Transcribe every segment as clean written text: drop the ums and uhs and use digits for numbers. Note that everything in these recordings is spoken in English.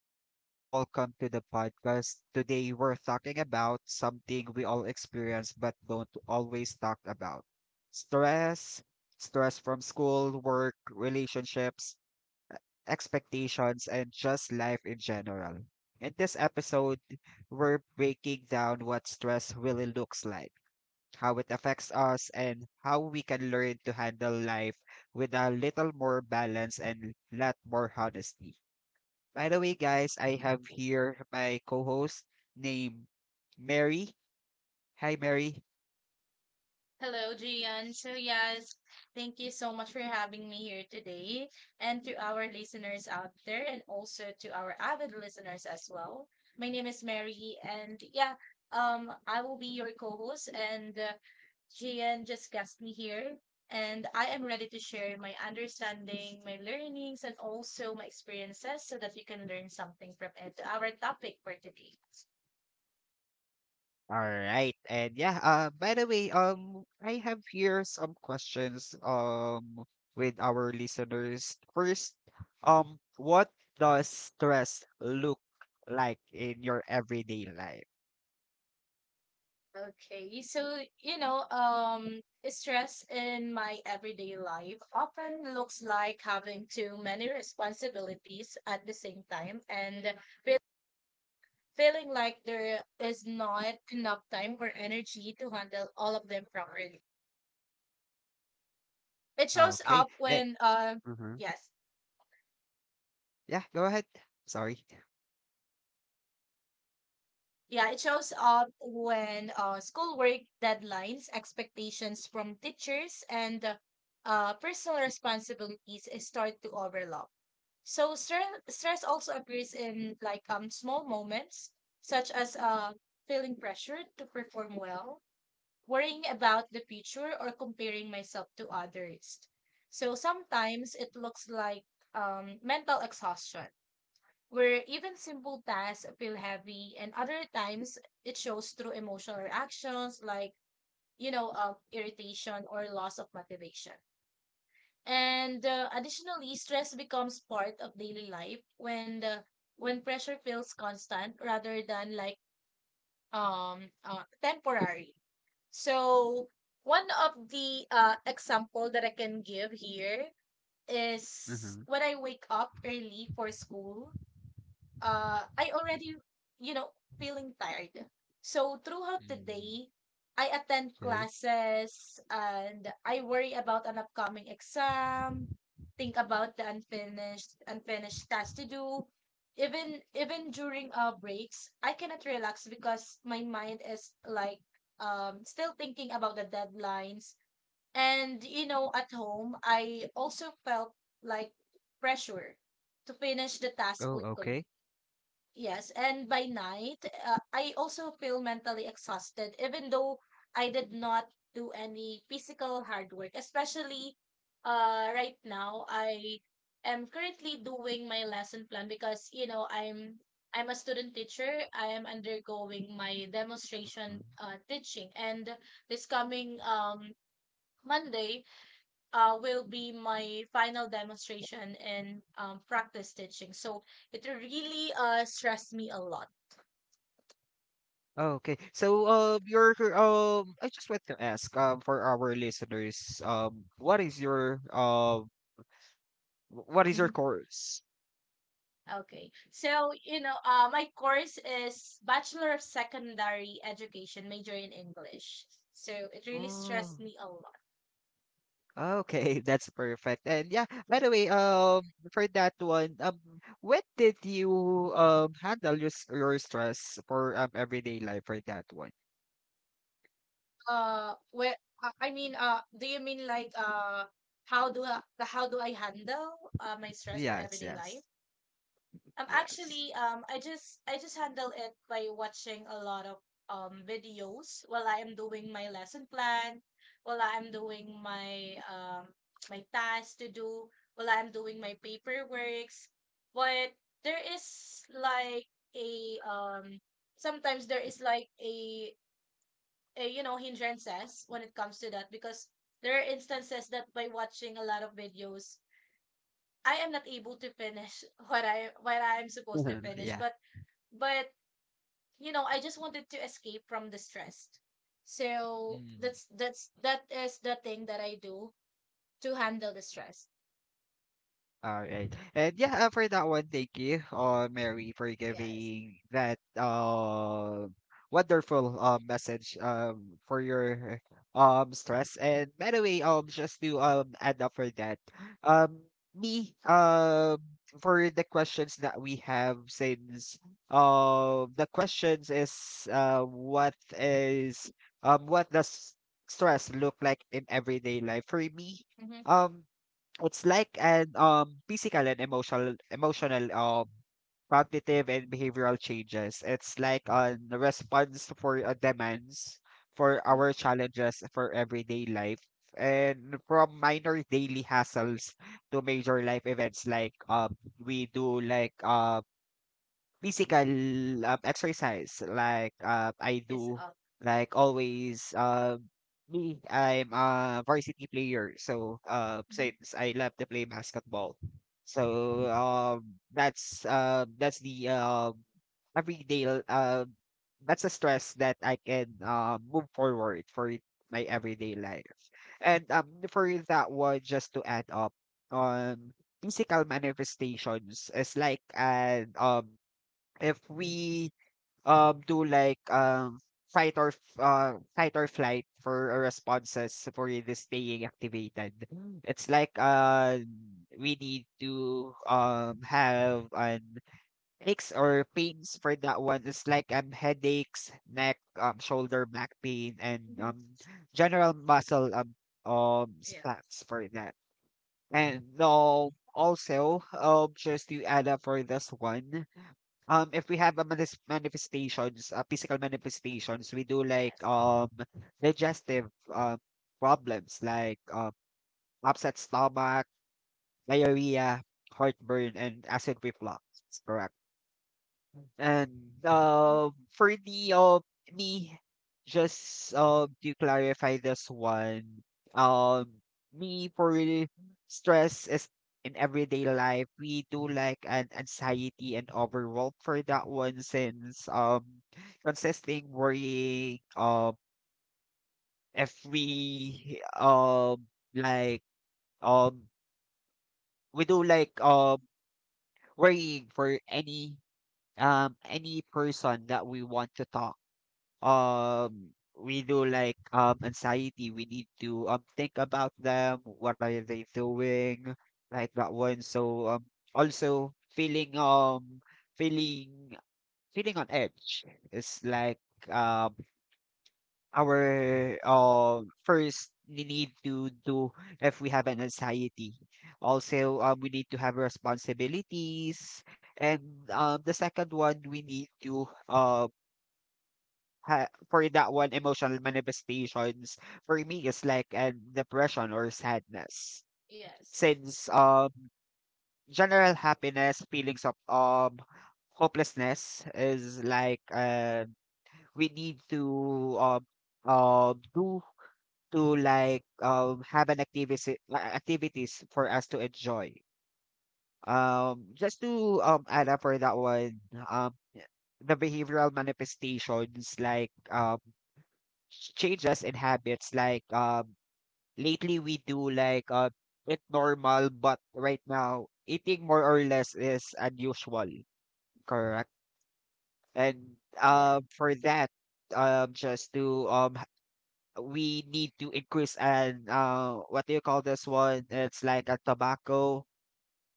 everyone, welcome to the podcast. Today we're talking about something we all experience but don't always talk about. Stress, stress from school, work, relationships, expectations, and just life in general. In this episode, we're breaking down what stress really looks like, how it affects us, and how we can learn to handle life with a little more balance and lot more honesty. By the way, guys, I have here my co-host named Mary. Hi, Mary. Hello, Gian. So, yes, thank you so much for having me here today, and to our listeners out there, and also to our avid listeners as well. My name is Mary, and yeah, I will be your co-host, and Gian just guest me here, and I am ready to share my understanding, my learnings, and also my experiences so that you can learn something from it. Our topic for today. All right. And yeah, by the way, I have here some questions with our listeners. First, what does stress look like in your everyday life? Okay, so you know, stress in my everyday life often looks like having too many responsibilities at the same time and feel- feeling like there is not enough time or energy to handle all of them properly. It shows Okay. up hmm yes, yeah, go ahead. Sorry. yeah, it shows up when schoolwork deadlines, expectations from teachers, and personal responsibilities start to overlap. So stress also appears in like small moments such as feeling pressured to perform well, worrying about the future or comparing myself to others. So sometimes it looks like mental exhaustion where even simple tasks feel heavy, and other times it shows through emotional reactions like irritation or loss of motivation. And additionally, stress becomes part of daily life when pressure feels constant rather than like temporary. So one of the example that I can give here is Mm-hmm. when I wake up early for school I already, you know, feeling tired. So throughout the Mm. day, I attend Okay. classes and I worry about an upcoming exam, think about the unfinished tasks to do. Even during breaks, I cannot relax because my mind is like still thinking about the deadlines. And you know, at home, I also felt like pressure to finish the task Oh, quickly. okay. Yes, and by night, I also feel mentally exhausted, even though I did not do any physical hard work. Especially right now, I am currently doing my lesson plan because you know I'm a student teacher. I am undergoing my demonstration teaching, and this coming Monday will be my final demonstration in practice teaching. So it really stressed me a lot. Oh, okay. So, your I just want to ask, for our listeners, what is your Mhm. course? Okay. So, you know, my course is Bachelor of Secondary Education, major in English. So it really Mm, stressed me a lot. okay, that's perfect. And yeah, by the way, for that one, when did you handle your your stress for everyday life for that one? Where I mean, do you mean like how do I handle my stress for Yes, everyday life? yes, yes. Actually, I just handle it by watching a lot of videos while I am doing my lesson plan, while I am doing my my tasks to do, while I am doing my paperworks. But there is like a sometimes there is like a you know hindrances when it comes to that because there are instances that by watching a lot of videos, I am not able to finish what I am supposed to finish, Yeah. But you know I just wanted to escape from the stress so Mm. That is the thing that I do to handle the stress. All right. And yeah, for that one, thank you, Mary, for Yes. giving that wonderful message for your stress. And by the way, just to add up for that, um, me, um, for the questions that we have, since the questions is what is what does stress look like in everyday life? For me, Mm-hmm. um, it's like an physical and emotional cognitive and behavioral changes. It's like a response for demands for Hmm. our challenges for everyday life and from minor daily hassles to major life events like we do like physical exercise like I It's do up. like always. Me, I'm a varsity player. So, Hmm. since I love to play basketball, so that's the everyday l- uh, that's a stress that I can move forward for it, my everyday life. And for that one, just to add up on physical manifestations, is like and if we do like fight or fight or flight for our responses for you to staying activated. It's like we need to have an aches or pains for that one. It's like headaches, neck, shoulder, back pain, and Hmm. General muscle Yeah. spats for that. And also just to add up for this one. If we have a manis manifestations, physical manifestations, we do like Yes. Digestive problems like upset stomach, diarrhea, heartburn, and acid reflux. Correct. And Mhm. For the me, just to clarify this one, um me for the stress is in everyday life. We do like an anxiety and overwhelm for that one since consisting worrying if we like um we do like worrying for any person that we want to talk, um we do like anxiety, we need to think about them, what are they doing like that one. So also feeling feeling on edge is like um our first we need to do if we have an anxiety. Also we need to have responsibilities, and the second one we need to um ha for that one, emotional manifestations for me is like an depression or sadness. Yes. Since general happiness, feelings of hopelessness is like we need to do to like have an activity activities for us to enjoy. Just to add up for that one, um the behavioral manifestations like change us in habits like lately we do like it normal, but right now eating more or less is unusual, correct. And Yeah. For that just to we need to increase and what do you call this one, it's like a tobacco,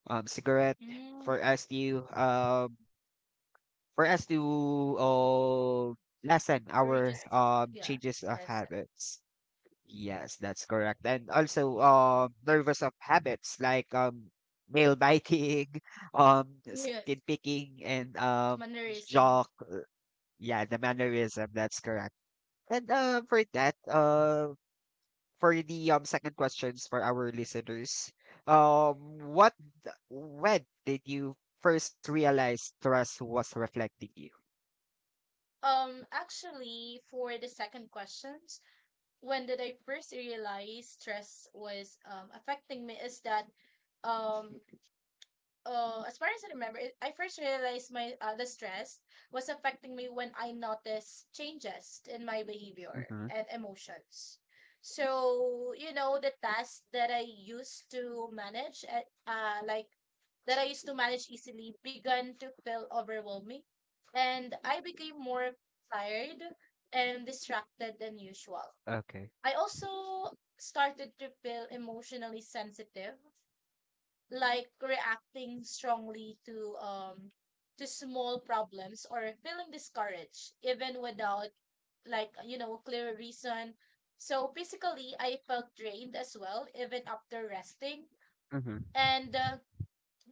cigarette Mm. for us to for us to uh lessen Or you our just yeah changes of that's it. habits. Yes, that's correct. And also, nervous of habits like nail biting, um, skin Yes. picking, and Mannerism. jock. Yeah, the mannerism. That's correct. And for that, for the second questions for our listeners, um, what when did you first realize trust was reflecting you? Actually, for the second questions, when did I first realize stress was affecting me is that um as far as I remember, it, I first realized my the stress was affecting me when I noticed changes in my behavior Mm-hmm. and emotions. So, you know, the tasks that I used to manage, like that I used to manage easily, began to feel overwhelming, and I became more tired and distracted than usual. Okay. I also started to feel emotionally sensitive like reacting strongly to small problems or feeling discouraged even without like you know clear reason. So physically I felt drained as well even after resting, Mm-hmm. and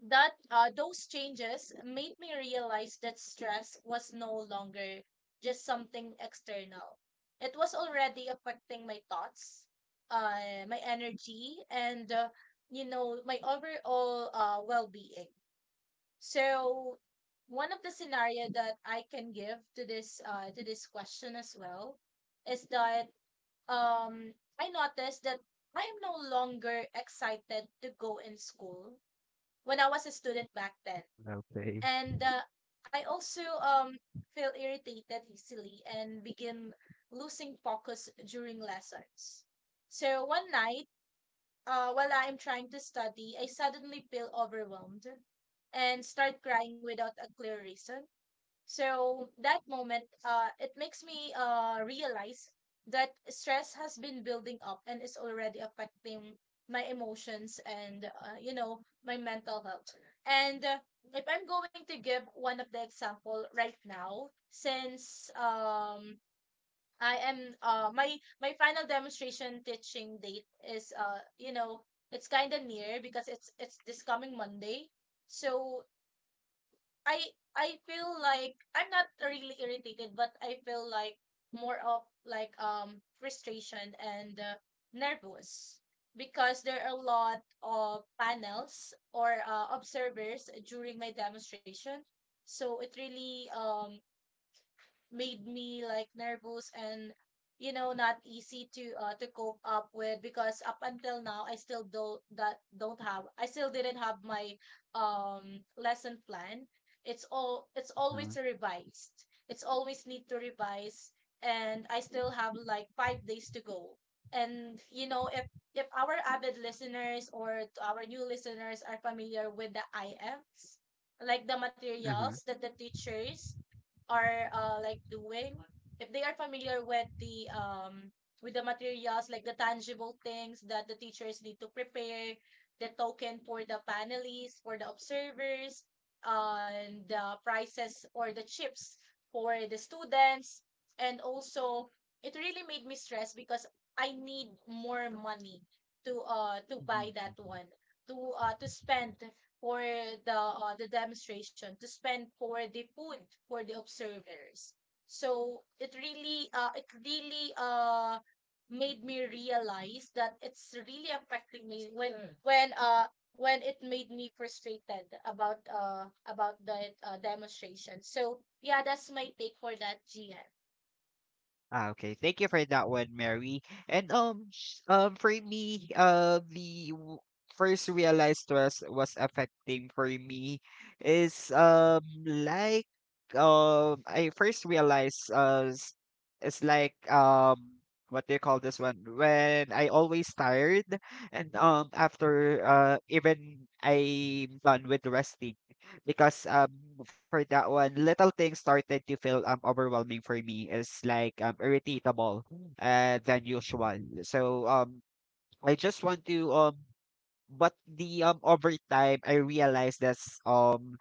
that those changes made me realize that stress was no longer just something external. It was already affecting my thoughts, my energy, and you know my overall well-being. So one of the scenario that I can give to this question as well is that um, I noticed that I am no longer excited to go in school when I was a student back then. Okay. And I also feel irritated easily and begin losing focus during lessons. So one night, while I'm trying to study, I suddenly feel overwhelmed and start crying without a clear reason. So that moment, it makes me realize that stress has been building up and is already affecting my emotions and you know my mental health. And if I'm going to give one of the example right now, since I am my my final demonstration teaching date is you know it's kind of near because it's this coming Monday. So I I feel like I'm not really irritated, but I feel like more of like frustration and nervous because there are a lot of panels or observers during my demonstration. So it really made me like nervous and you know not easy to cope up with because up until now I still didn't have my lesson plan. It's Mm-hmm. always revised. It's always need to revise, and I still have like five days to go. And you know if our avid listeners or to our new listeners are familiar with the IMs, like the Mm-hmm. materials that the teachers are like doing, if they are familiar with the materials like the tangible things that the teachers need to prepare, the token for the panelists, for the observers, and the prizes or the chips for the students. And also it really made me stress because I need more money to buy that Mhm. one, to spend for the demonstration, to spend for the food for the observers. So it really made me realize that it's really affecting me when Sure. When it made me frustrated about the demonstration. So yeah that's my take for that gm. Ah, okay. Thank you for that one, Mary. And for me, first realized stress was affecting for me is like I first realized it's like what do you call this one, when I always tired and after even I'm done with resting. Because, for that one, little things started to feel, overwhelming for me. It's like, irritable than usual. So, I just want to, over time, I realized that's,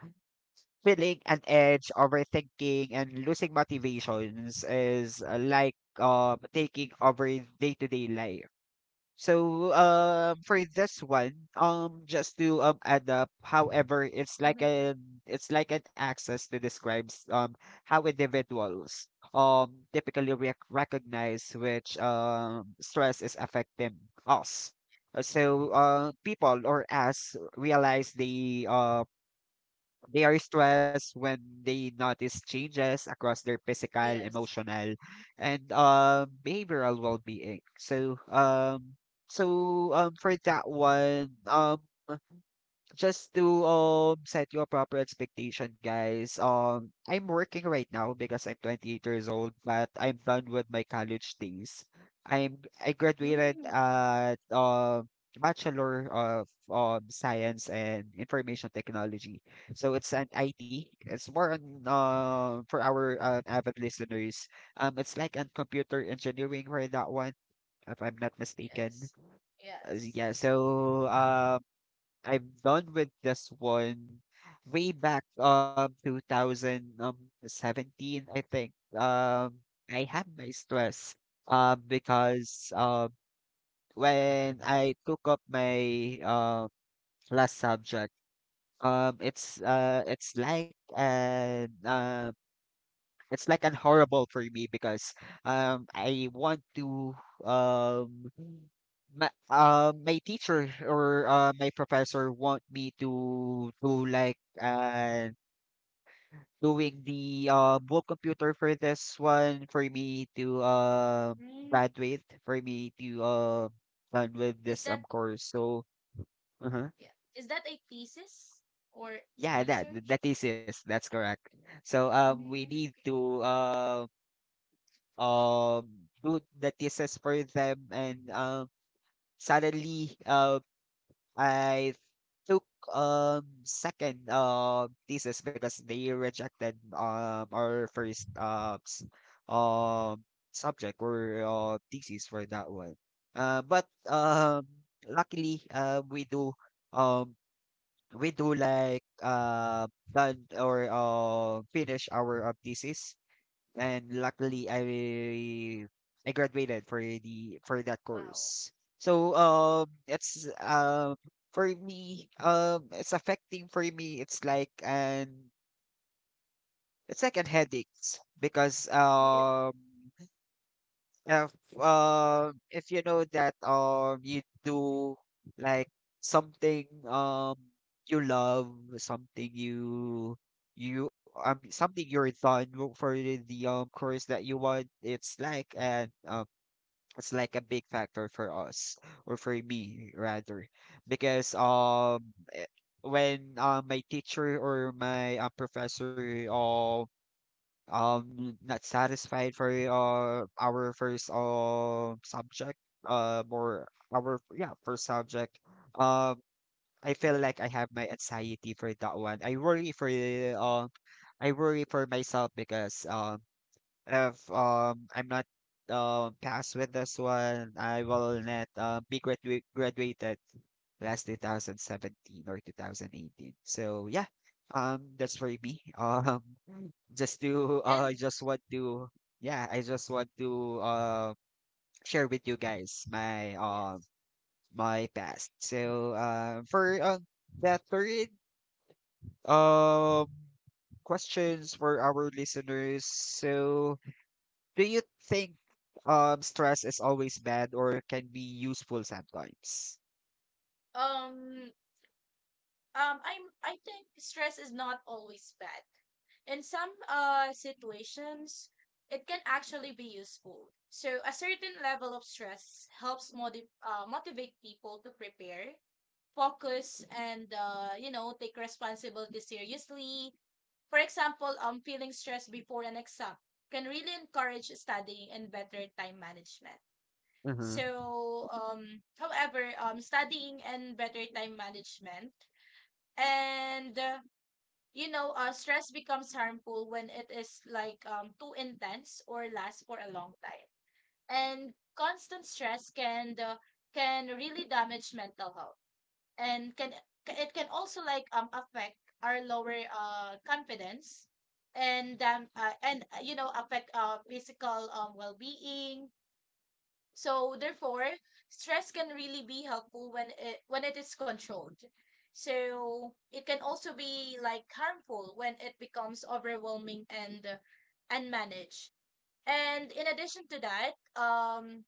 feeling an edge, overthinking, and losing motivations is taking over day-to-day life. So for this one, just to add up, however, it's like Mm-hmm. An access to describes how individuals typically recognize which stress is affecting us. So people or us realize they. They are stressed when they notice changes across their physical, Yes. emotional, and behavioral well-being. So, for that one, just to set your proper expectation, guys. I'm working right now because I'm 28 years old, but I'm done with my college days. I'm I graduated Mm. at Bachelor of Science and Information Technology. So it's an IT. It's more on for our avid listeners. It's like on computer engineering for that one, if I'm not mistaken. Yes. Yes. Yeah, so I've done with this one way back 2017, I think. I had my stress because when I took up my last subject, um it's uh it's like an uh it's like an horrible for me because I want to um my, my teacher or my professor want me to do like doing the book computer for this one for me to Mm. graduate, for me to done with Is that this course. So uh yeah is that a thesis or yeah, that research. that is it, that's correct. So we Mm. need to um, do the thesis for them. And suddenly I took second thesis because they rejected our first um subject or thesis for that one. But luckily we do um we do like uh done or finish our thesis, and luckily I graduated for the for that Wow. course. So it's for me it's affecting for me, it's like an headaches because Yeah. If if you know that you do like something you love, something you you something for the course that you want, it's like a big factor for us or for me rather, because when my teacher or my professor not satisfied for our first subject or our first subject. um I feel like I have my anxiety for that one. Um I worry for myself because if I'm not passed with this one, I will not be graduated last 2017 or 2018. So yeah, that's for me. Just to And I just want to yeah, I just want to share with you guys my yes. my past. So for the third um questions for our listeners. So do you think stress is always bad or can be useful sometimes? Um, I'm I think stress is not always bad. In some situations, it can actually be useful. So a certain level of stress helps motivate people to prepare, focus, and you know, take responsibility seriously. For example, feeling stressed before an exam can really encourage studying and better time management. Mm-hmm. So, however, studying and better time management and you know, stress becomes harmful when it is like too intense or lasts for a long time. And constant stress can really damage mental health, and can it can also like affect our lower confidence and you know affect physical well-being. So therefore, stress can really be helpful when it is controlled. So it can also be like harmful when it becomes overwhelming and unmanaged. And in addition to that, um,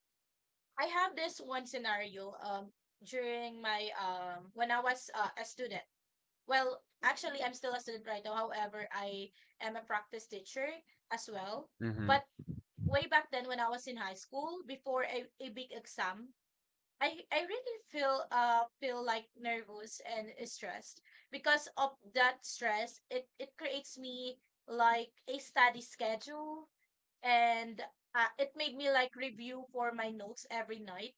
I have this one scenario during my when I was a student. Well, actually, I'm still a student right now. However, I am a practice teacher as well. Mm-hmm. But way back then when I was in high school, before a big exam, I really feel like nervous and stressed. Because of that stress, it creates me like a study schedule, and it made me like review for my notes every night,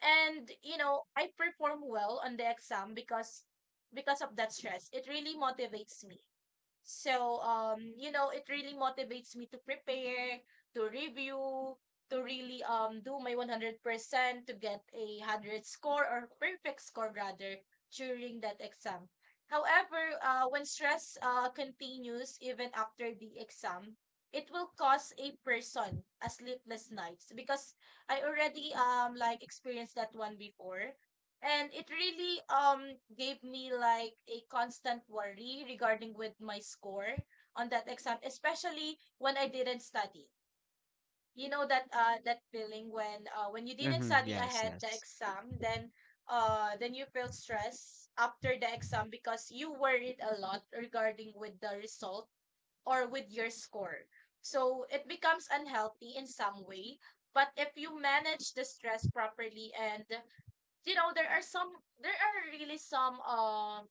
and you know I perform well on the exam because of that stress it really motivates me. So, you know, it really motivates me to prepare, to review, to really do my 100% to get a 100 score or perfect score rather during that exam. However, when stress continues even after the exam, it will cause a person a sleepless nights because I already like experienced that one before, and it really gave me like a constant worry regarding with my score on that exam, especially when I didn't study. You know that that feeling when when you didn't Mm-hmm. study Yes, ahead the yes. exam, then you feel stress after the exam because you worried a lot regarding with the result or with your score. So it becomes unhealthy in some way, but if you manage the stress properly and you know there are some, there are really some,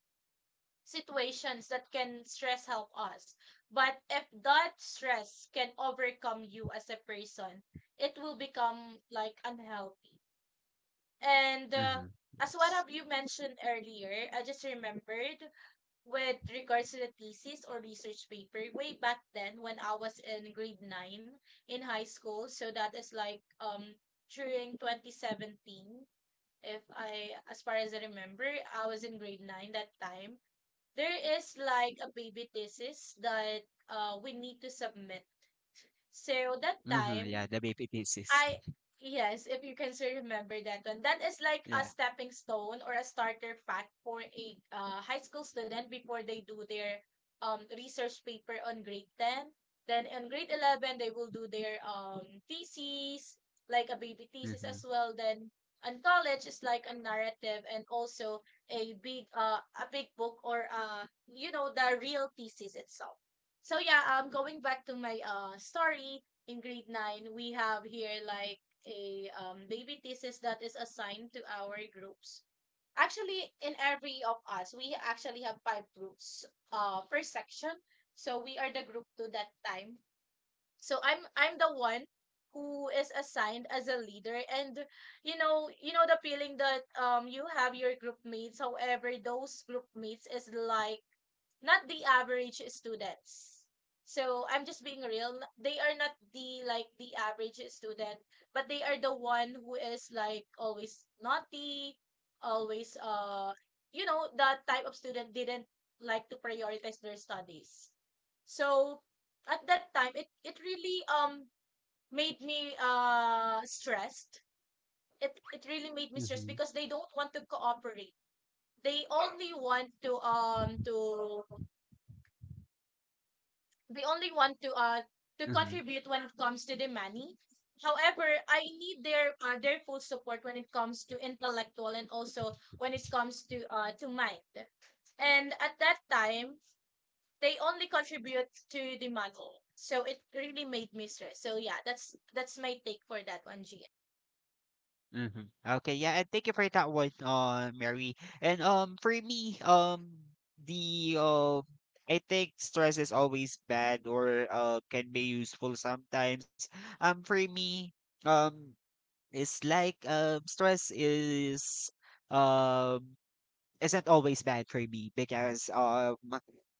situations that can stress help us. But if that stress can overcome you as a person, it will become like unhealthy. And Mhm, As one yes. of you mentioned earlier, I just remembered, with regards to the thesis or research paper way back then when I was in grade 9 in high school. So that is like during 2017. If I, as far as I remember, I was in grade nine that time. There is like a baby thesis that we need to submit. So that Mhm, yeah, time, the baby pieces. I, yes, if you can still remember that one, that is like a Yeah. stepping stone or a starter fact for a high school student before they do their research paper on grade ten. Then on grade 11, they will do their thesis, like a baby thesis as Mhm, well. Then on college it's like a narrative and also a big a big book or you know the real thesis itself. So yeah, going back to my story, in grade 9, we have here like a baby thesis that is assigned to our groups. Actually, in every of us, we actually have five groups per section. So we are the group two that time. So I'm the one who is assigned as a leader, and you know, you know the feeling that you have your group mates, however those group mates is like not the average students. So I'm just being real. They are not the like the average student, but they are the one who is like always naughty, always you know, that type of student didn't like to prioritize their studies. So at that time it really made me stressed. It really made me stressed mhm, because they don't want to cooperate. They only want to the only one to mhm, contribute when it comes to the money. However, I need their their full support when it comes to intellectual, and also when it comes to mind. And at that time, they only contribute to the money. So it really made me stress. So yeah, that's my take for that one, Gian. mhm. Okay, yeah, and thank you for that one, Mary. And for me, the I think stress is always bad or can be useful sometimes. For me, um, it's like stress is um isn't always bad for me because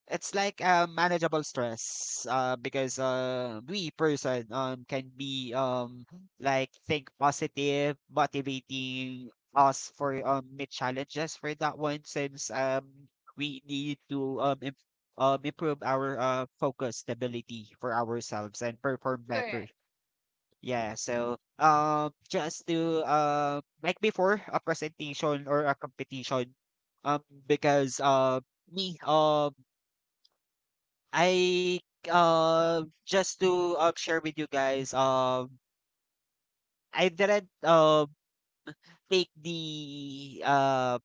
it's like a manageable stress because we person can be like think positive, motivating us for mid challenges for that one, since we need to improve our focus stability for ourselves and perform better. Correct. Yeah, so just to like before a presentation or a competition, because me I just to share with you guys I didn't take the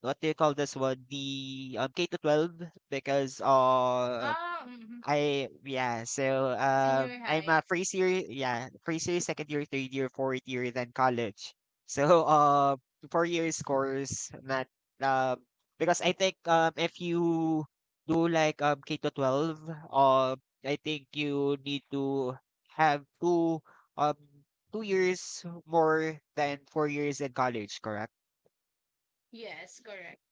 what do you call this one, the K to 12, because Ah, mm-hmm. I yeah, so Senior I'm high. a first year, yeah, first year, second year, third year, fourth year, then college. So 4 years course, not um, because I think if you do like K to 12, um, I think you need to have um two years more than 4 years in college, correct? Yes, correct.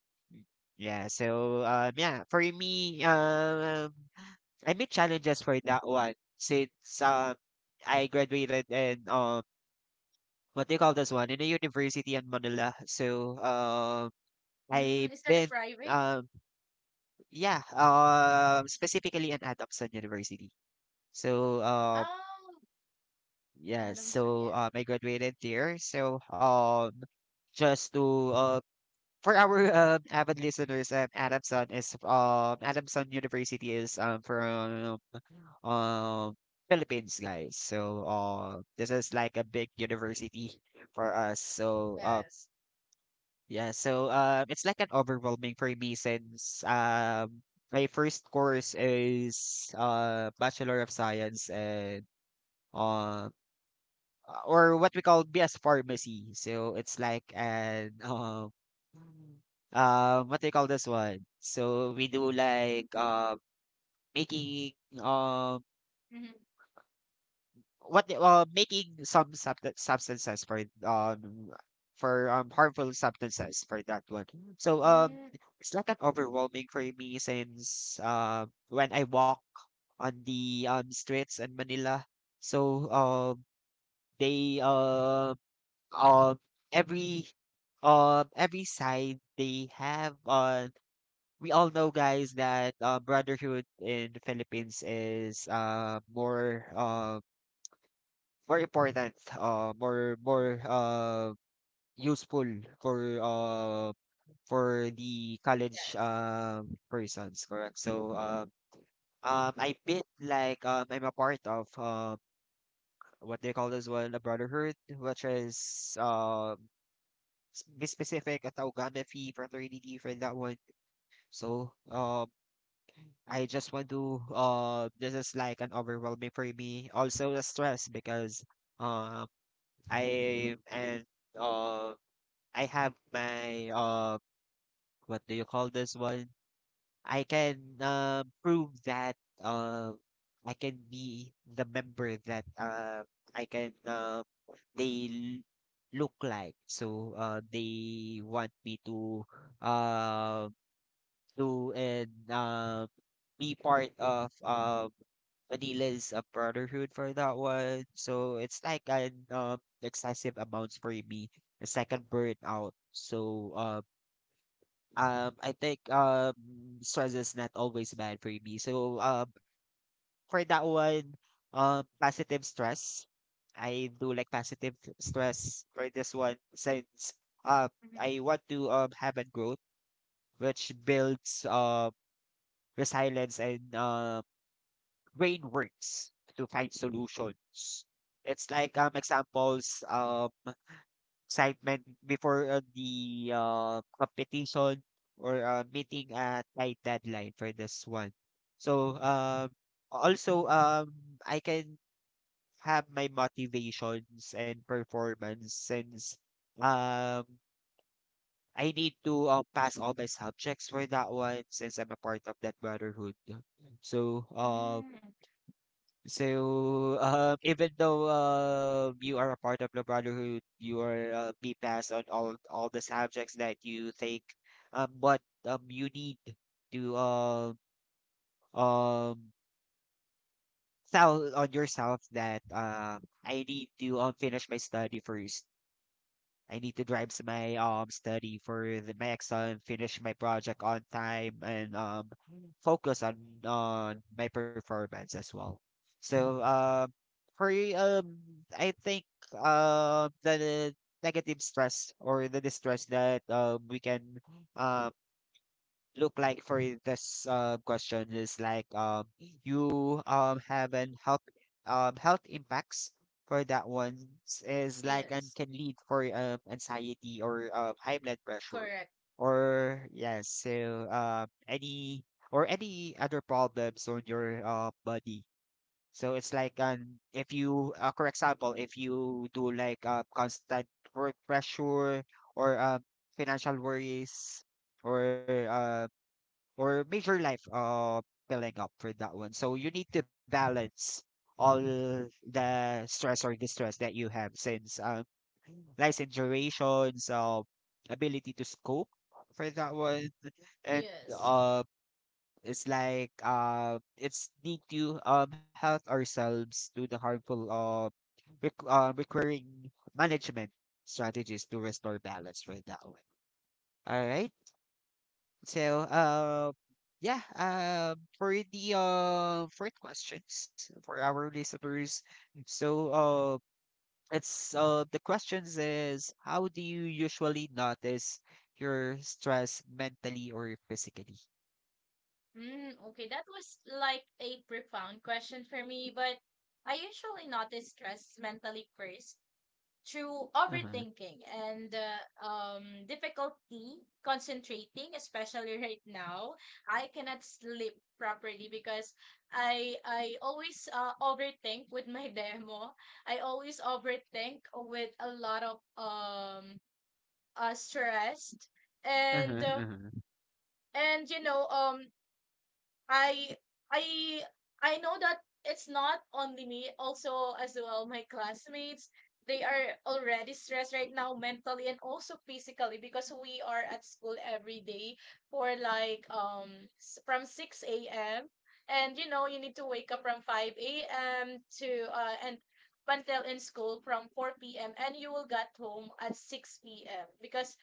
Yeah, yeah, for me, I meet challenges for that one since um I graduated in what do you call this one, in a university in Manila. So I've Mm, is that a been private? um yeah, specifically in Adamson University. So Oh, yeah, Adamson. so Yes. I graduated there. So just to for our avid listeners, Adamson University is from uh, Philippines, guys. So this is like a big university for us. So Yes. yeah, so it's like an overwhelming for me since my first course is Bachelor of Science and uh, or what we call BS Pharmacy. So it's like an what do you call this one? So we do like making um Mm-hmm. Making some substances for harmful substances for that one. So Mm, it's like an overwhelming for me since when I walk on the streets in Manila. So they um every every side they have. We all know, guys, that brotherhood in the Philippines is more more important, more more useful for uh for the college yes. Persons, correct? So I've been like I'm a part of what they call as well a brotherhood, which is be specific at Taugama Phi fraternity for that one. So I just want to this is like an overwhelming for me. Also the stress, because um I and um I have my what do you call this one? I can prove that uh I can be the member that I can they l- look like. So they want me to uh do and be part of Manila's brotherhood for that one. So it's like an excessive amounts for me. The second burnout. So I think stress is not always bad for me. So for that one, positive stress. I do like stress for this one, since uh Mhm. I want to have a growth, which builds resilience and brain works to find solutions. It's like examples. Excitement before the competition, or meeting a tight deadline for this one. So also, I can have my motivations and performance since, um, I need to pass all my subjects for that one, since I'm a part of that brotherhood. So Mm, even though you are a part of the brotherhood, you are be passed on all the subjects that you take, but you need to um tell on yourself that I need to finish my study first. I need to my study for the my exam, finish my project on time, and focus on my performance as well. So For um, I think the negative stress, or the distress, that we can um look like for this question is like, you have an health, health impacts for that one. Is like, and yes, can lead for anxiety or high blood pressure, correct. or yes, so any other problems on your body. So it's like, if you for example, if you do like constant work pressure, or financial worries, or uh or major life filling up for that one. So you need to balance all the stress or distress that you have, since license durations, ability to scope for that one, and Yes. uh, it's like it's need to help ourselves to the harmful, requiring management strategies to restore balance for that one. All right. So, yeah, for the questions for our listeners, so it's the questions is, how do you usually notice your stress, mentally or physically? Mm, okay, that was like a profound question for me, but I usually notice stress mentally first through Uh-huh, overthinking and difficulty concentrating, especially right now. I cannot sleep properly because I always overthink with my demo. I always overthink with a lot of stressed and uh-huh, uh, uh-huh, and you know I I I know that it's not only me, also as well my classmates. They are already stressed right now mentally and also physically because we are at school every day for like from 6 a.m. And you know you need to wake up from 5 a.m. to and until in school from 4 p.m., and you will get home at 6 p.m. because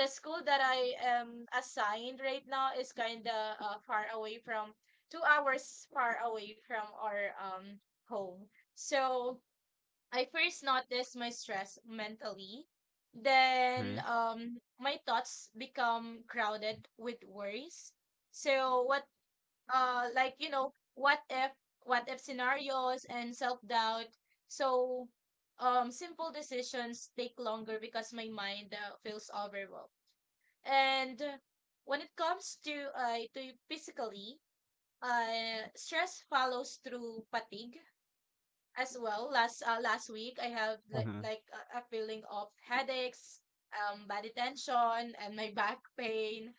the school that I am assigned right now is kind of far away from 2 hours far away from our home. So I first noticed my stress mentally. Then uh-huh, my thoughts become crowded with worries. So what, like you know, what if, what if scenarios and self-doubt. So simple decisions take longer because my mind feels overwhelmed. And when it comes to physically, stress follows through fatigue as well. Last week, I have uh-huh, like a feeling of headaches, body tension, and my back pain,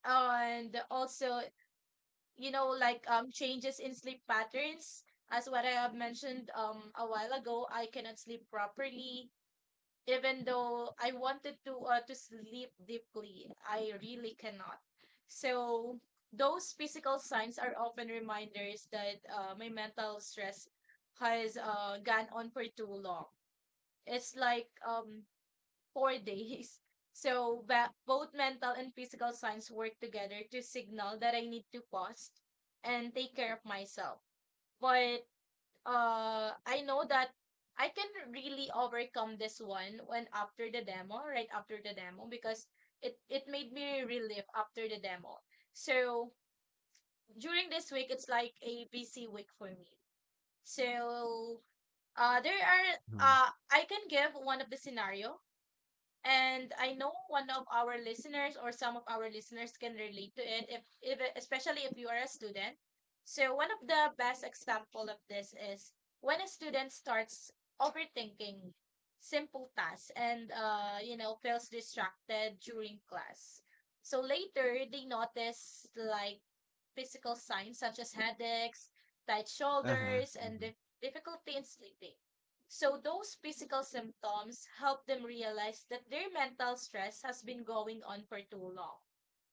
and also you know like changes in sleep patterns. As what I have mentioned a while ago, I cannot sleep properly. Even though I wanted to sleep deeply, I really cannot. So those physical signs are often reminders that my mental stress has gone on for too long. It's like four days. So both mental and physical signs work together to signal that I need to pause and take care of myself. But I know that I can really overcome this one when after the demo, right after the demo, because it made me relive after the demo. So during this week, it's like a busy week for me. So there are uh-huh, I can give one of the scenario, and I know one of our listeners or some of our listeners can relate to it, if especially if you are a student. So one of the best example of this is when a student starts overthinking simple tasks, and you know feels distracted during class. So later they notice like physical signs such as headaches, tight uh-huh, shoulders, and uh-huh, difficulty in sleeping. So those physical symptoms help them realize that their mental stress has been going on for too long.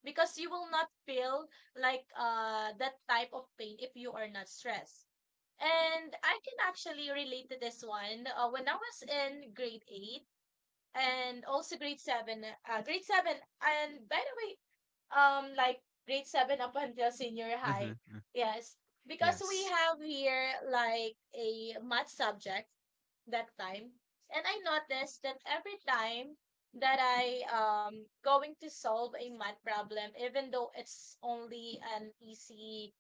Because you will not feel like that type of pain if you are not stressed. And I can actually relate to this one. When I was in grade 8, and also grade 7, and by the way, like grade 7 up until senior high. uh-huh, Yes, because we yes. have here like a math subject that time. And I noticed that every time that I going to solve a math problem, even though it's only an easy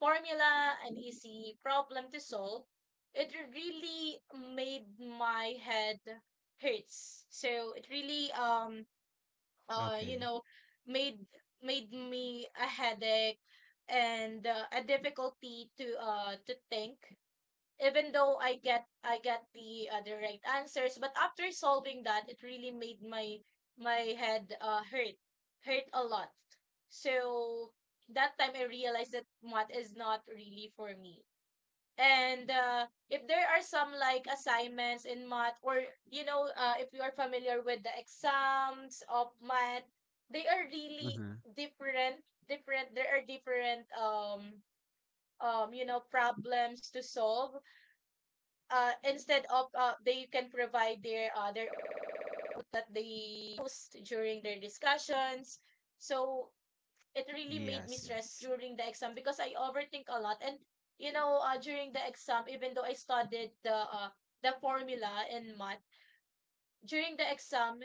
formula, an easy problem to solve, it really made my head hurts. So it really you Okay. know made, made me a headache and a difficulty to think. Even though I get the right answers, but after solving that, it really made my my head hurt a lot. So that time I realized that math is not really for me. And if there are some like assignments in math, or you know, if you are familiar with the exams of math, they are really Uh-huh. different. Different. There are different you know problems to solve instead of they can provide their own that they post during their discussions. So it really made me Yes, stressed yes. during the exam because I overthink a lot. And you know, during the exam, even though I studied the formula in math, during the exam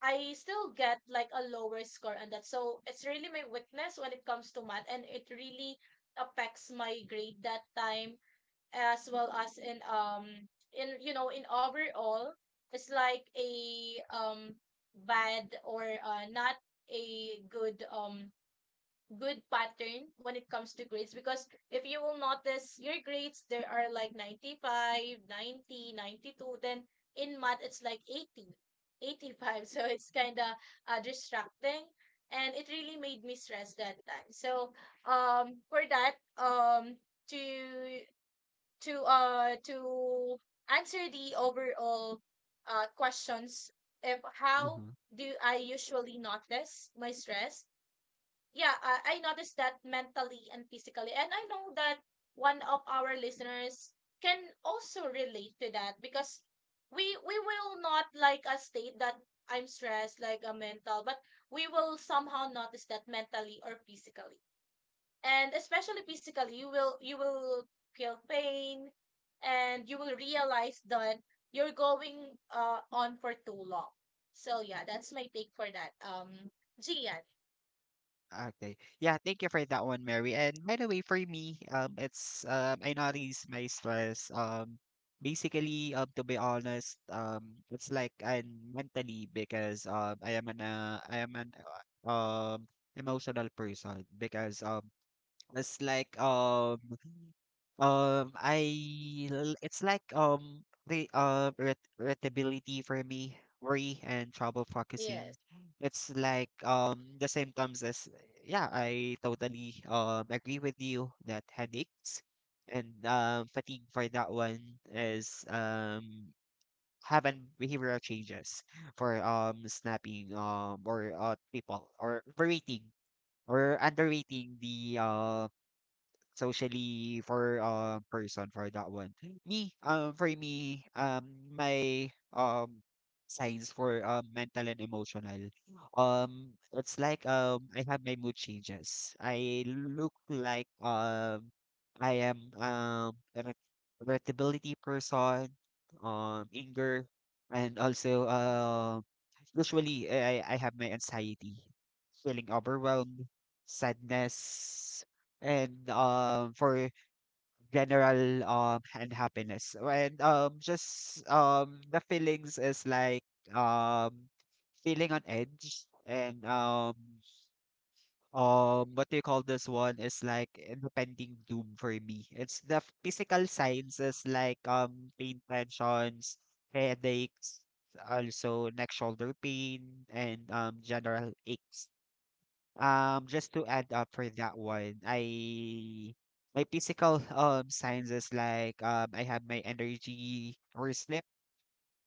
I still get like a lower score on that. So it's really my weakness when it comes to math, and it really affects my grade that time, as well as in you know, in overall. It's like a bad or not a good good pattern when it comes to grades, because if you will notice your grades, there are like 95, 90, 92, then in math it's like 80, 85 so it's kind of distracting, and it really made me stress that time. So for that to to answer the overall questions, if how Mm-hmm. do I usually notice my stress? Yeah, I noticed that mentally and physically. And I know that one of our listeners can also relate to that, because we will not like a state that I'm stressed like a mental, but we will somehow notice that mentally or physically. And especially physically, you will feel pain, and you will realize that you're going on for too long. So yeah, that's my take for that Gian. Okay. Yeah, thank you for that one, Mary. And by the way, for me, it's, I notice my stress. Basically, to be honest, it's like I'm mentally, because I am an uh, um emotional person, because it's like it's like irritability for me, worry, and trouble focusing. Yes. It's like the symptoms as, yeah, I totally agree with you that headaches and fatigue for that one is having behavioral changes for snapping or people, or overeating or underrating the socially for person for that one. Me, for me, my signs for mental and emotional. It's like I have my mood changes. I look like I am an irritability person, anger, and also usually I have my anxiety, feeling overwhelmed, sadness, and for general, and happiness, and just the feelings is like um feeling on edge, and what do you call this one, is like impending doom for me. It's the physical signs is like pain tensions, headaches, also neck shoulder pain, and general aches. Just to add up for that one, I, my physical signs is like I have my energy or sleep,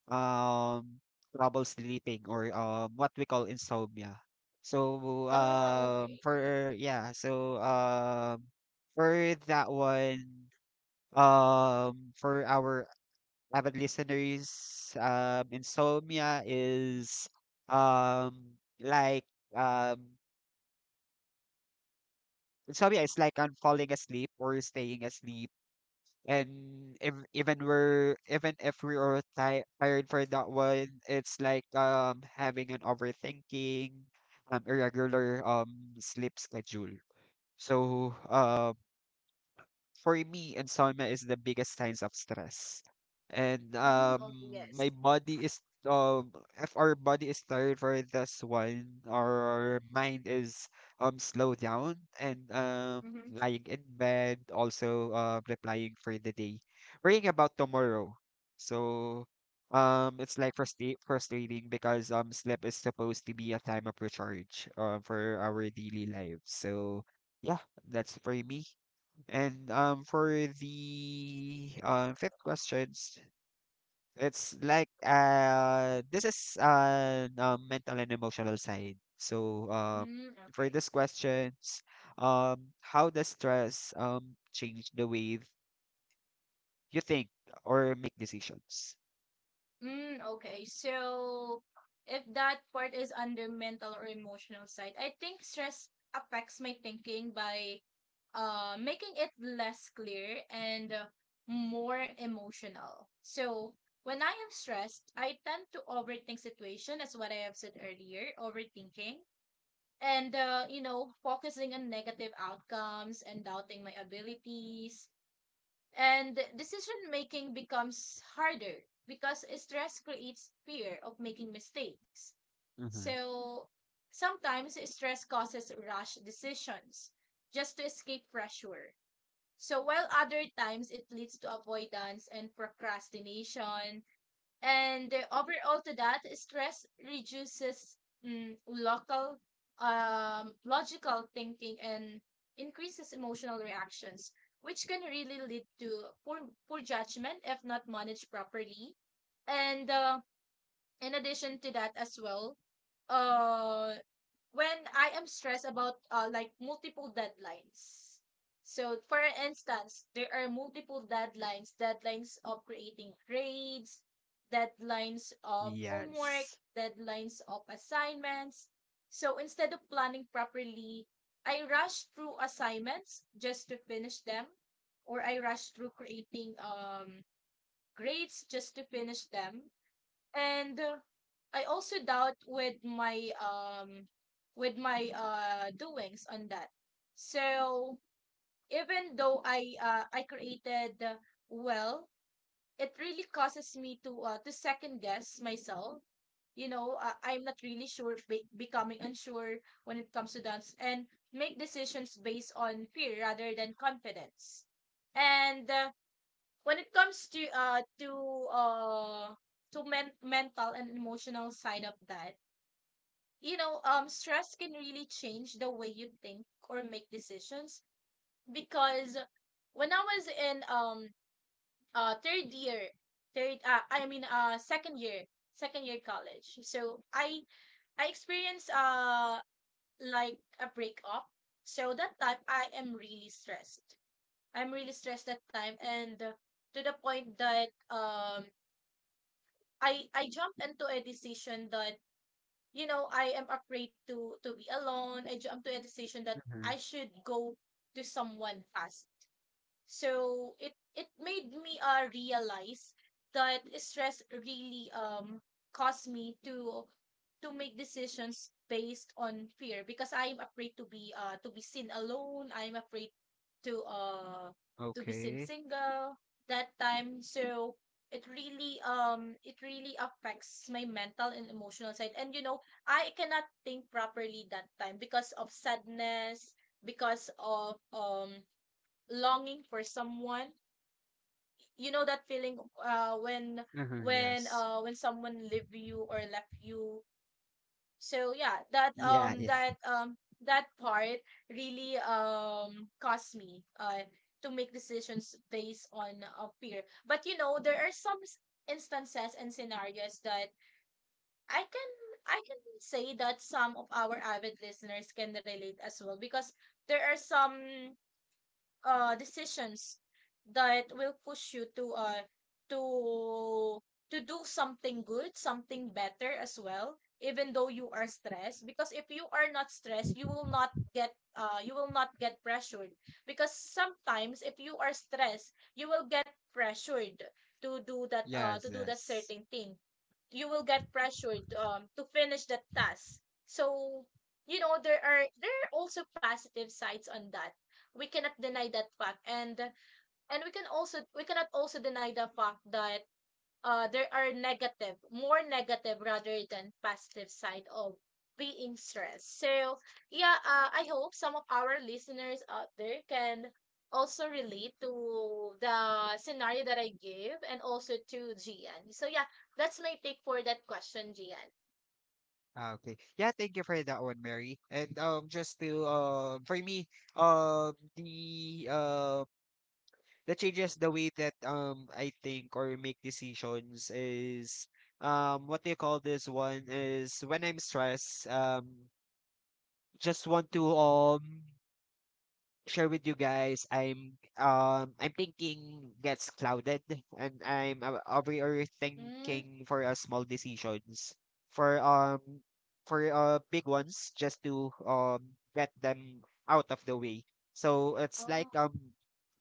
um trouble sleeping, or what we call insomnia. So Oh, okay. for yeah, so for that one, for our avid listeners, insomnia is like um so yeah, it's like I'm falling asleep or staying asleep. And if, even we're even if we are ti tired for that one, it's like having an overthinking, irregular sleep schedule. So for me, insomnia is the biggest signs of stress. And Mm, okay, yes. my body is um, if our body is tired for this one, our mind is slow down, and Mm-hmm. lying in bed, also replying for the day, worrying about tomorrow. So it's like frustrating, because sleep is supposed to be a time of recharge for our daily lives. So yeah, that's for me. And for the fifth questions, it's like this is mental and emotional side. So Mm, for okay. this questions, how does stress change the way you think or make decisions? Mm, okay. So if that part is under mental or emotional side, I think stress affects my thinking by making it less clear and more emotional. So when I am stressed, I tend to overthink situation, as what I have said earlier, overthinking and you know, focusing on negative outcomes, and doubting my abilities. And decision making becomes harder because stress creates fear of making mistakes. Mm-hmm. So sometimes stress causes rash decisions just to escape pressure. So while other times it leads to avoidance and procrastination. And overall to that, stress reduces mm, local logical thinking and increases emotional reactions, which can really lead to poor, poor judgment if not managed properly. And in addition to that as well, uh when I am stressed about like multiple deadlines. So for instance, there are multiple deadlines, deadlines of creating grades, deadlines of homework, Yes. deadlines of assignments. So instead of planning properly, I rush through assignments just to finish them, or I rush through creating grades just to finish them. And I also doubt with my doings on that. So even though I created well, it really causes me to second guess myself. You know, I'm not really sure, becoming unsure when it comes to dance, and make decisions based on fear rather than confidence. And when it comes to uh mental and emotional side of that, you know, stress can really change the way you think or make decisions. Because when I was in third year, third I mean second year, second year college, I experienced like a breakup. So that time I am really stressed, I'm really stressed that time, and to the point that I jumped into a decision that, you know, I am afraid to be alone. I jumped to a decision that Mm-hmm. I should go to someone fast. So it made me realize that stress really caused me to make decisions based on fear, because I'm afraid to be seen alone. I'm afraid to uh to be seen Okay. single that time. So it really affects my mental and emotional side. And you know, I cannot think properly that time because of sadness, because of longing for someone. You know that feeling uh when Mm-hmm. when Yes. uh when someone leave you or left you. So yeah, that Yeah. um Yeah. that um that part really caused me to make decisions based on fear. But you know, there are some instances and scenarios that I can I can say that some of our avid listeners can relate as well, because there are some decisions that will push you to to do something good, something better as well, even though you are stressed. Because if you are not stressed, you will not get you will not get pressured. Because sometimes if you are stressed, you will get pressured Yes. to do that Yes. certain thing. You will get pressured to finish that task. So you know, there are also positive sides on that. We cannot deny that fact, and we can also we cannot also deny the fact that there are negative, more negative rather than positive side of being stressed. So yeah, I hope some of our listeners out there can also relate to the scenario that I gave, and also to Gian. So yeah, that's my take for that question, Gian. Ah, okay. Yeah, thank you for that one, Mary. And just to for me, um, the um, the changes the way that I think or make decisions is what do you call this one? Is when I'm stressed, just want to share with you guys, I'm thinking gets clouded, and I'm Mm. overthinking for small decisions. For um for big ones, just to get them out of the way. So it's like Oh,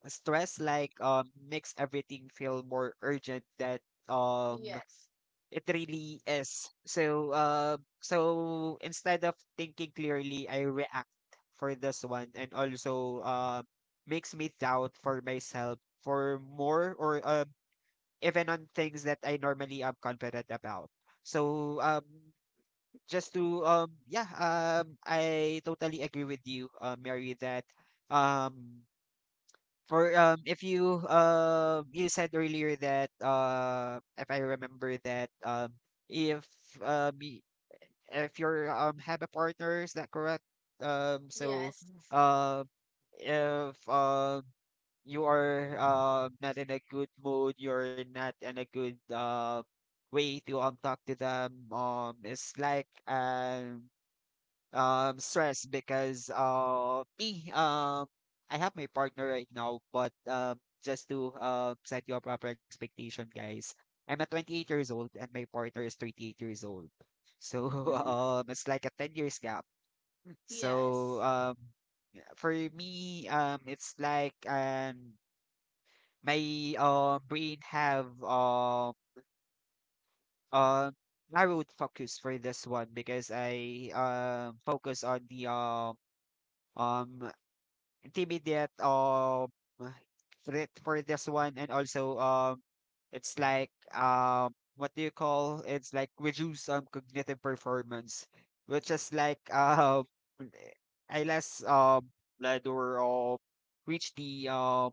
stress like makes everything feel more urgent that um yes, it really is. So, instead of thinking clearly, I react for this one, and also makes me doubt for myself for more, or even on things that I normally am confident about. So, just to yeah, I totally agree with you, Mary, that um. For If you, you said earlier that if I remember that if um, y- if you're have a partner, is that correct? So yes. uh, if you are not in a good mood, you're not in a good way to talk to them. It's like stress, because me, I have my partner right now, but just to set you a proper expectation, guys. I'm at 28 years old and my partner is 38 years old, so Mm, it's like a 10 years gap. So yes, for me it's like my brain have um narrowed focus for this one, because I focus on the um intermediate threat for this one, and also it's like what do you call, it's like reduce cognitive performance, which is like unless led, or reach the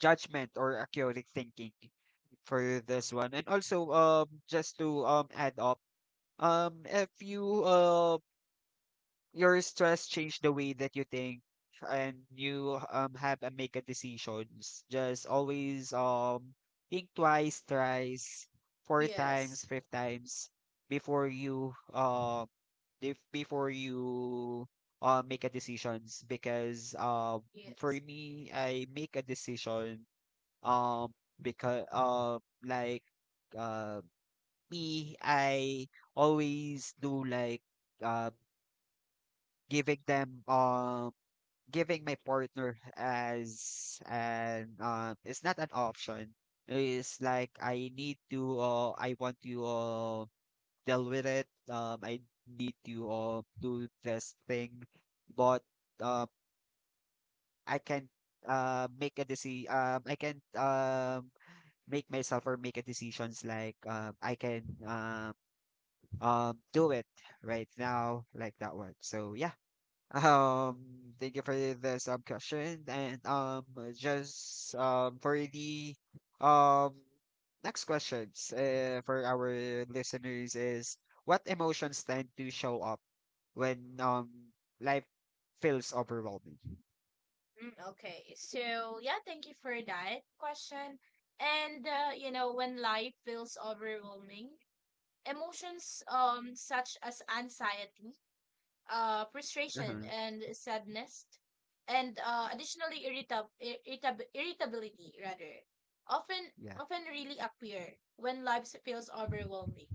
judgment or accurate thinking for this one. And also just to add up, if you your stress change the way that you think, and you have and make a decisions. Just always think twice, thrice, four times, yes, five times before you if before you make a decisions because for yes. me I make a decision, um because like uh me I always do, like uh giving them um giving my partner as an, it's not an option. It's like I need to I want to deal with it. I need to do this thing, but um, I can make a decision. I can make myself or make a decisions like I can do it right now, like that one. So yeah. Thank you for the sub question. And, just for the um next questions, for our listeners is, what emotions tend to show up when life feels overwhelming? Mm. Okay, so yeah, thank you for that question. And you know, when life feels overwhelming, emotions such as anxiety, frustration, Uh-huh. and sadness, and additionally irritability rather, often Yeah. Really appear when life feels overwhelming.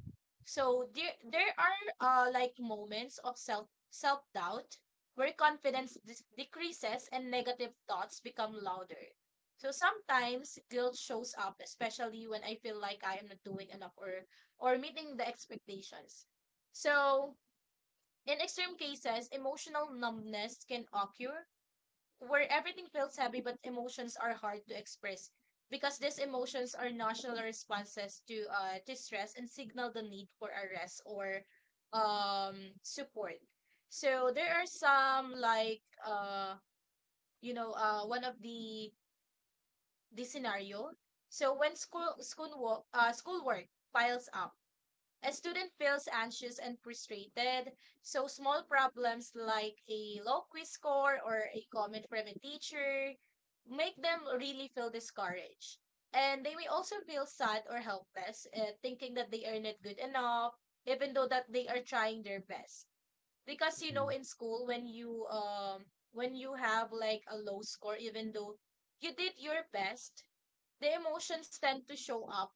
So there are like moments of self doubt where confidence decreases and negative thoughts become louder. So sometimes guilt shows up, especially when I feel like I am not doing enough or meeting the expectations. So in extreme cases, emotional numbness can occur, where everything feels heavy but emotions are hard to express, because these emotions are natural responses to stress and signal the need for a rest or support. So there are some like one of the scenario. So when schoolwork piles up, a student feels anxious and frustrated. So small problems like a low quiz score or a comment from a teacher make them really feel discouraged. And they may also feel sad or helpless, thinking that they are not good enough, even though that they are trying their best. Because you know, Mhm. in school, when you have like a low score, even though you did your best, the emotions tend to show up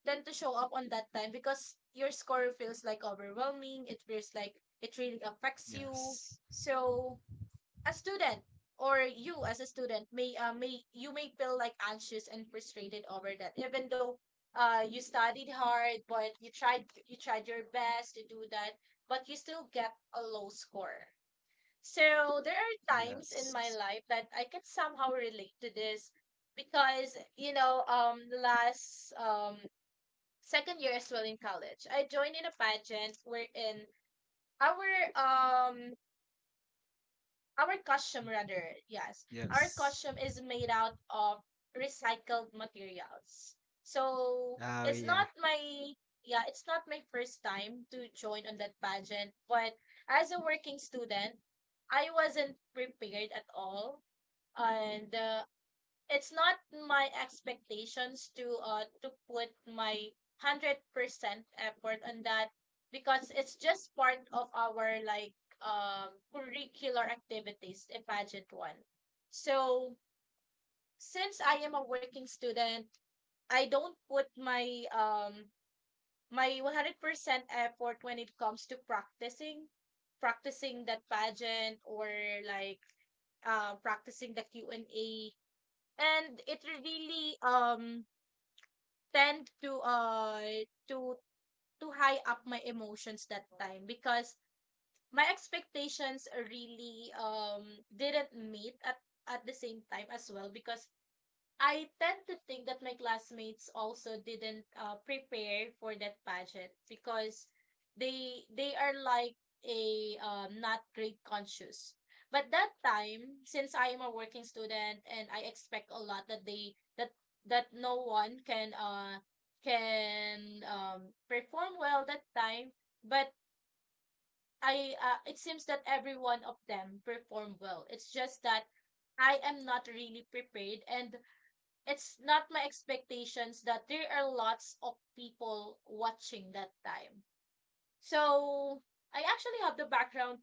on that time, because your score feels like overwhelming. It feels like it really affects you. Yes. So a student or you as a student may you may feel like anxious and frustrated over that, even though you studied hard, but you tried your best to do that, but you still get a low score. So there are times in my Yes. life that I can somehow relate to this, because you know, last second year as well in college, I joined in a pageant wherein our our costume rather, yes, our Yes. costume is made out of recycled materials. So Oh it's not yeah. my yeah, it's not my first time to join on that pageant, but as a working student, I wasn't prepared at all. And it's not my expectations to put my 100% effort on that, because it's just part of our like curricular activities in pageant 1. So since I am a working student, I don't put my my 100% effort when it comes to practicing that pageant, or like practicing the q&a. And it really tend to to to high up my emotions that time, because my expectations really didn't meet at the same time as well, because I tend to think that my classmates also didn't prepare for that pageant, because they are like a not grade conscious. But that time, since I am a working student and I expect a lot that they that that no one can perform well that time. But I it seems that every one of them performed well. It's just that I am not really prepared, and it's not my expectations that there are lots of people watching that time. So I actually have the background.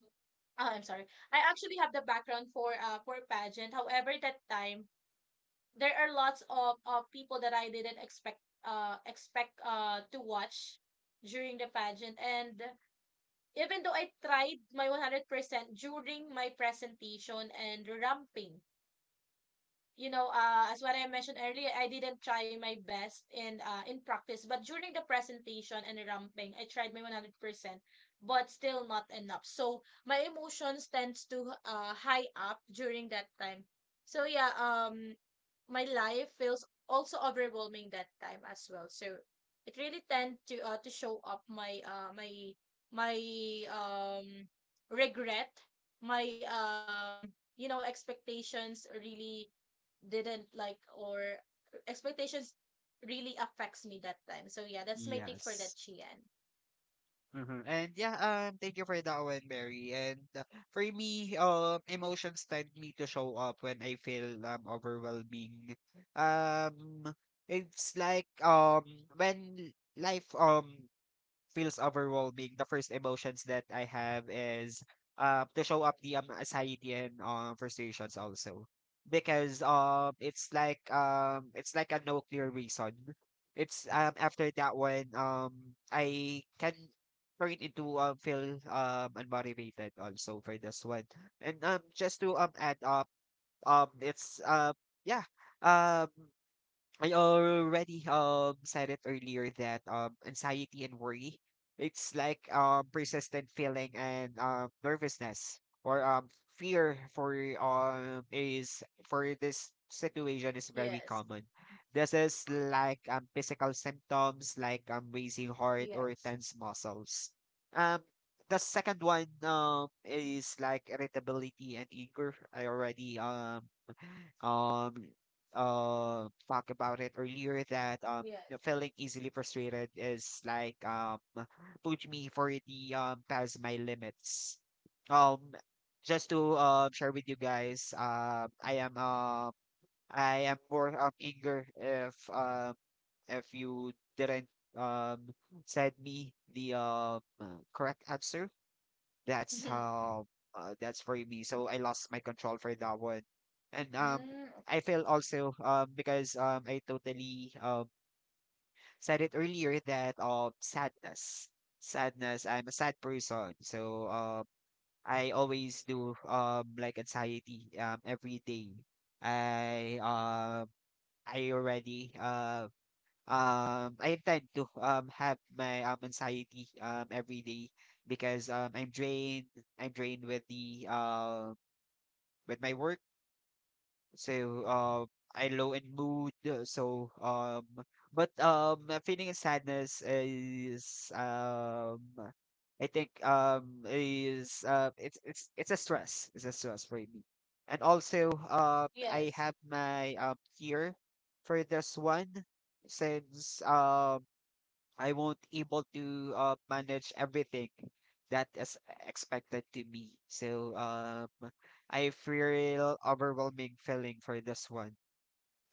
Ah, I'm sorry. I actually have the background for pageant. However, that time there are lots of people that I didn't expect to watch during the pageant. And even though I tried my 100% during my presentation and ramping, you know, as what I mentioned earlier, I didn't try my best in practice, but during the presentation and ramping, I tried my 100%, but still not enough. So my emotions tends to high up during that time. So yeah, my life feels also overwhelming that time as well. So it really tend to show up my my um regret, my you know expectations really didn't like, or expectations really affects me that time. So yeah, that's my take for that, Yes. Chian. Mhm, and yeah, thank you for that one, Mary. And for me, emotions tend me to show up when I feel overwhelming. Um, it's like when life feels overwhelming, the first emotions that I have is, to show up the, anxiety and, frustrations also. Because it's like a no clear reason. It's after that one I can turn into feel unmotivated also for this one. And just to add up, it's yeah um I already said it earlier that, anxiety and worry, it's like persistent feeling and nervousness or fear for is for this situation is very Yes. common. This is like physical symptoms like raising heart or Yes. tense muscles. Um the second one is like irritability and anger. I already um talk about it earlier that, Yes. you know, feeling easily frustrated is like push me for the past my limits. Um just to share with you guys, I am more eager if you didn't um send me the correct answer, that's Mhm. how, that's for me. So I lost my control for that one. And Mm, I okay. feel also because I totally said it earlier that, sadness. Sadness. I'm a sad person. So I always do like anxiety every day. I um I already uh I tend to have my anxiety every day because I'm drained, with the, with my work. So I low in mood, so but a feeling of sadness is, I think, is it's a stress, it's a stress for me. And also I Yes. have my fear for this one since, I won't able to, manage everything that is expected to me. So I feel overwhelming feeling for this one.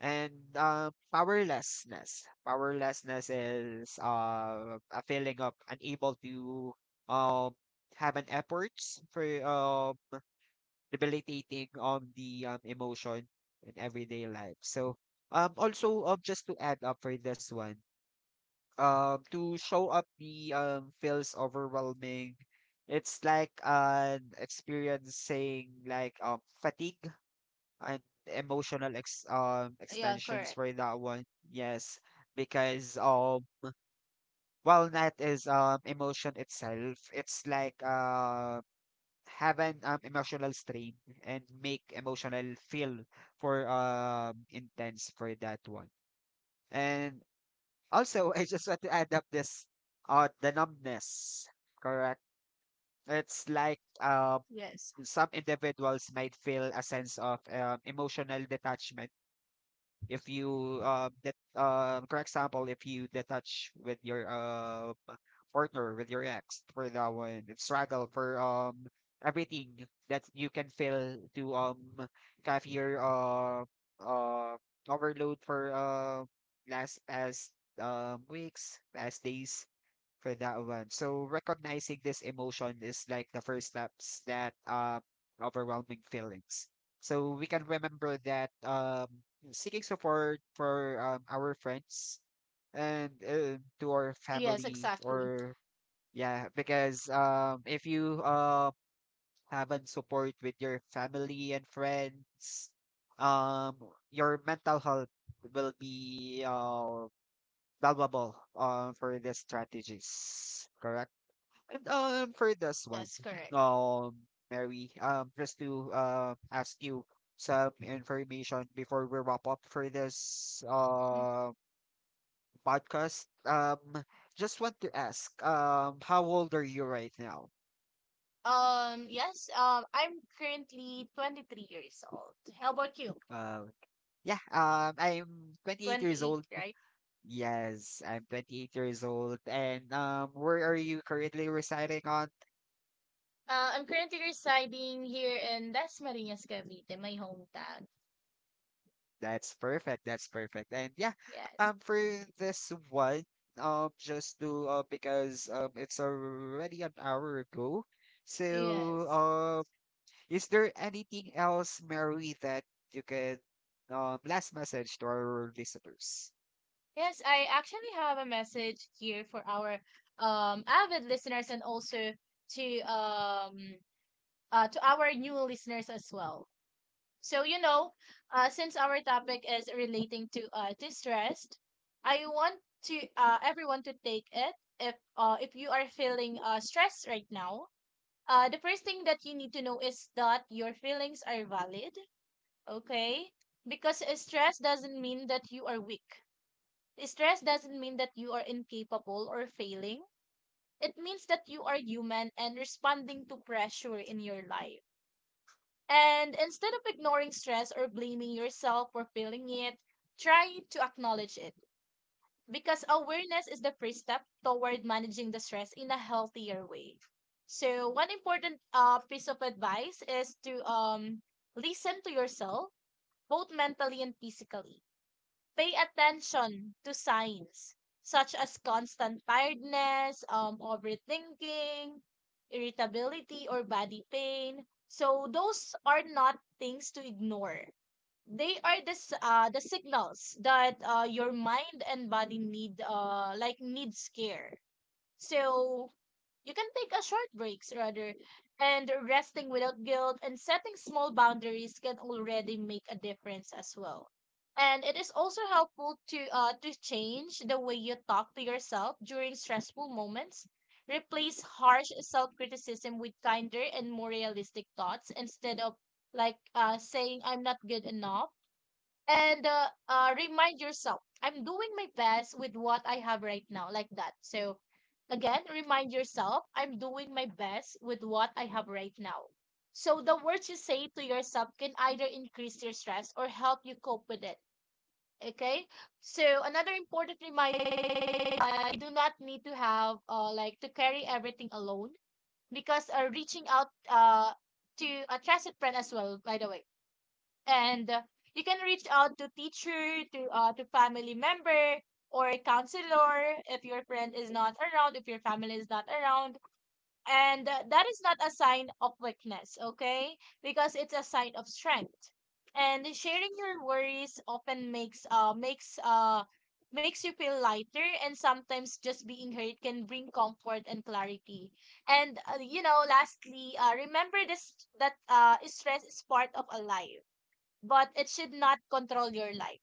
And, powerlessness. Powerlessness is, a feeling of unable to, um, have an efforts for, debilitating on the, emotion in everyday life. So, also, just to add up for this one, to show up me feels overwhelming. It's like an experience saying like fatigue and emotional ex Yeah, extensions correct. for that one. Yes, because while that is emotion itself. It's like have an, emotional strain and make emotional feel for intense for that one. And also, I just want to add up this, the numbness. Correct. It's like Yes. some individuals might feel a sense of, emotional detachment. If you uh that uh for example, if you detach with your, partner, with your ex for that one, and struggle for everything that you can feel to have your uh overload for last past, weeks past days for that one. So recognizing this emotion is like the first steps that, overwhelming feelings. So we can remember that seeking support for, our friends and, to our Yes, family, exactly. or yeah, because if you haven't support with your family and friends, um your mental health will be, valuable, for the strategies, correct. And, for this one, Yes, correct. um, Mary, just to ask you some information before we wrap up for this, Mhm. Podcast. Just want to ask, how old are you right now? Yes, I'm currently 23 years old. How about you? Uh, yeah, I'm 28 years 28, old. right? Yes, I'm 28 years old. And where are you currently residing on? I'm currently residing here in Las Marinas, Cavite, my hometown. That's perfect. That's perfect. And yeah, Yes. for this one, just to because it's already an hour ago. So, Yes. Is there anything else, Mary, that you could, last message to our listeners? Yes, I actually have a message here for our avid listeners, and also to um to our new listeners as well. So you know, since our topic is relating to stress, I want to everyone to take it. If if you are feeling stress right now, the first thing that you need to know is that your feelings are valid, okay? Because stress doesn't mean that you are weak. Stress doesn't mean that you are incapable or failing. It means that you are human and responding to pressure in your life. And instead of ignoring stress or blaming yourself for feeling it, try to acknowledge it. Because awareness is the first step toward managing the stress in a healthier way. So one important piece of advice is to listen to yourself, both mentally and physically. Pay attention to signs such as constant tiredness, overthinking, irritability, or body pain. So those are not things to ignore. They are the the signals that your mind and body need like needs care. So you can take a short breaks rather, and resting without guilt and setting small boundaries can already make a difference as well. And it is also helpful to change the way you talk to yourself during stressful moments. Replace harsh self-criticism with kinder and more realistic thoughts. Instead of like saying I'm not good enough, and remind yourself I'm doing my best with what I have right now, like that. So again, remind yourself I'm doing my best with what I have right now. So the words you say to yourself can either increase your stress or help you cope with it. Okay. So another important reminder, I do not need to have like to carry everything alone, because reaching out to a trusted friend as well, by the way. And you can reach out to teacher, to family member, or a counselor if your friend is not around, if your family is not around. And that is not a sign of weakness, okay? Because it's a sign of strength. And sharing your worries often makes you feel lighter, and sometimes just being heard can bring comfort and clarity. And you know, lastly, remember this, that uh, stress is part of a life, but it should not control your life.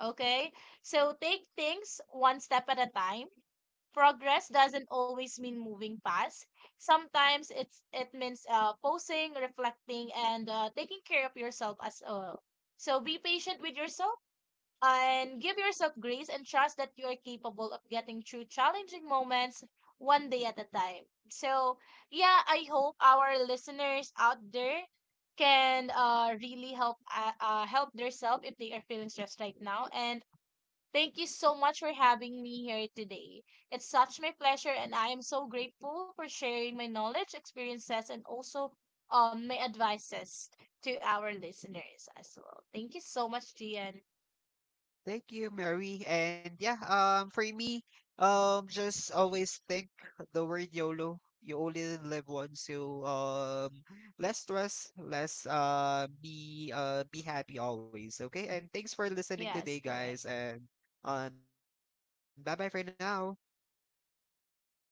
Okay? So take things one step at a time. Progress doesn't always mean moving fast. Sometimes it's it means pausing, reflecting, and taking care of yourself as well. So be patient with yourself, and give yourself grace, and trust that you are capable of getting through challenging moments one day at a time. So yeah, I hope our listeners out there can really help help themselves if they are feeling stressed right now. And thank you so much for having me here today. It's such my pleasure, and I am so grateful for sharing my knowledge, experiences, and also my advices to our listeners as well. Thank you so much, Gian. Thank you, Mary. And yeah, for me, just always think the word YOLO. You only live once. So less stress, less, be happy always. Okay. And thanks for listening today, Yes, correct. guys. And bye bye for now.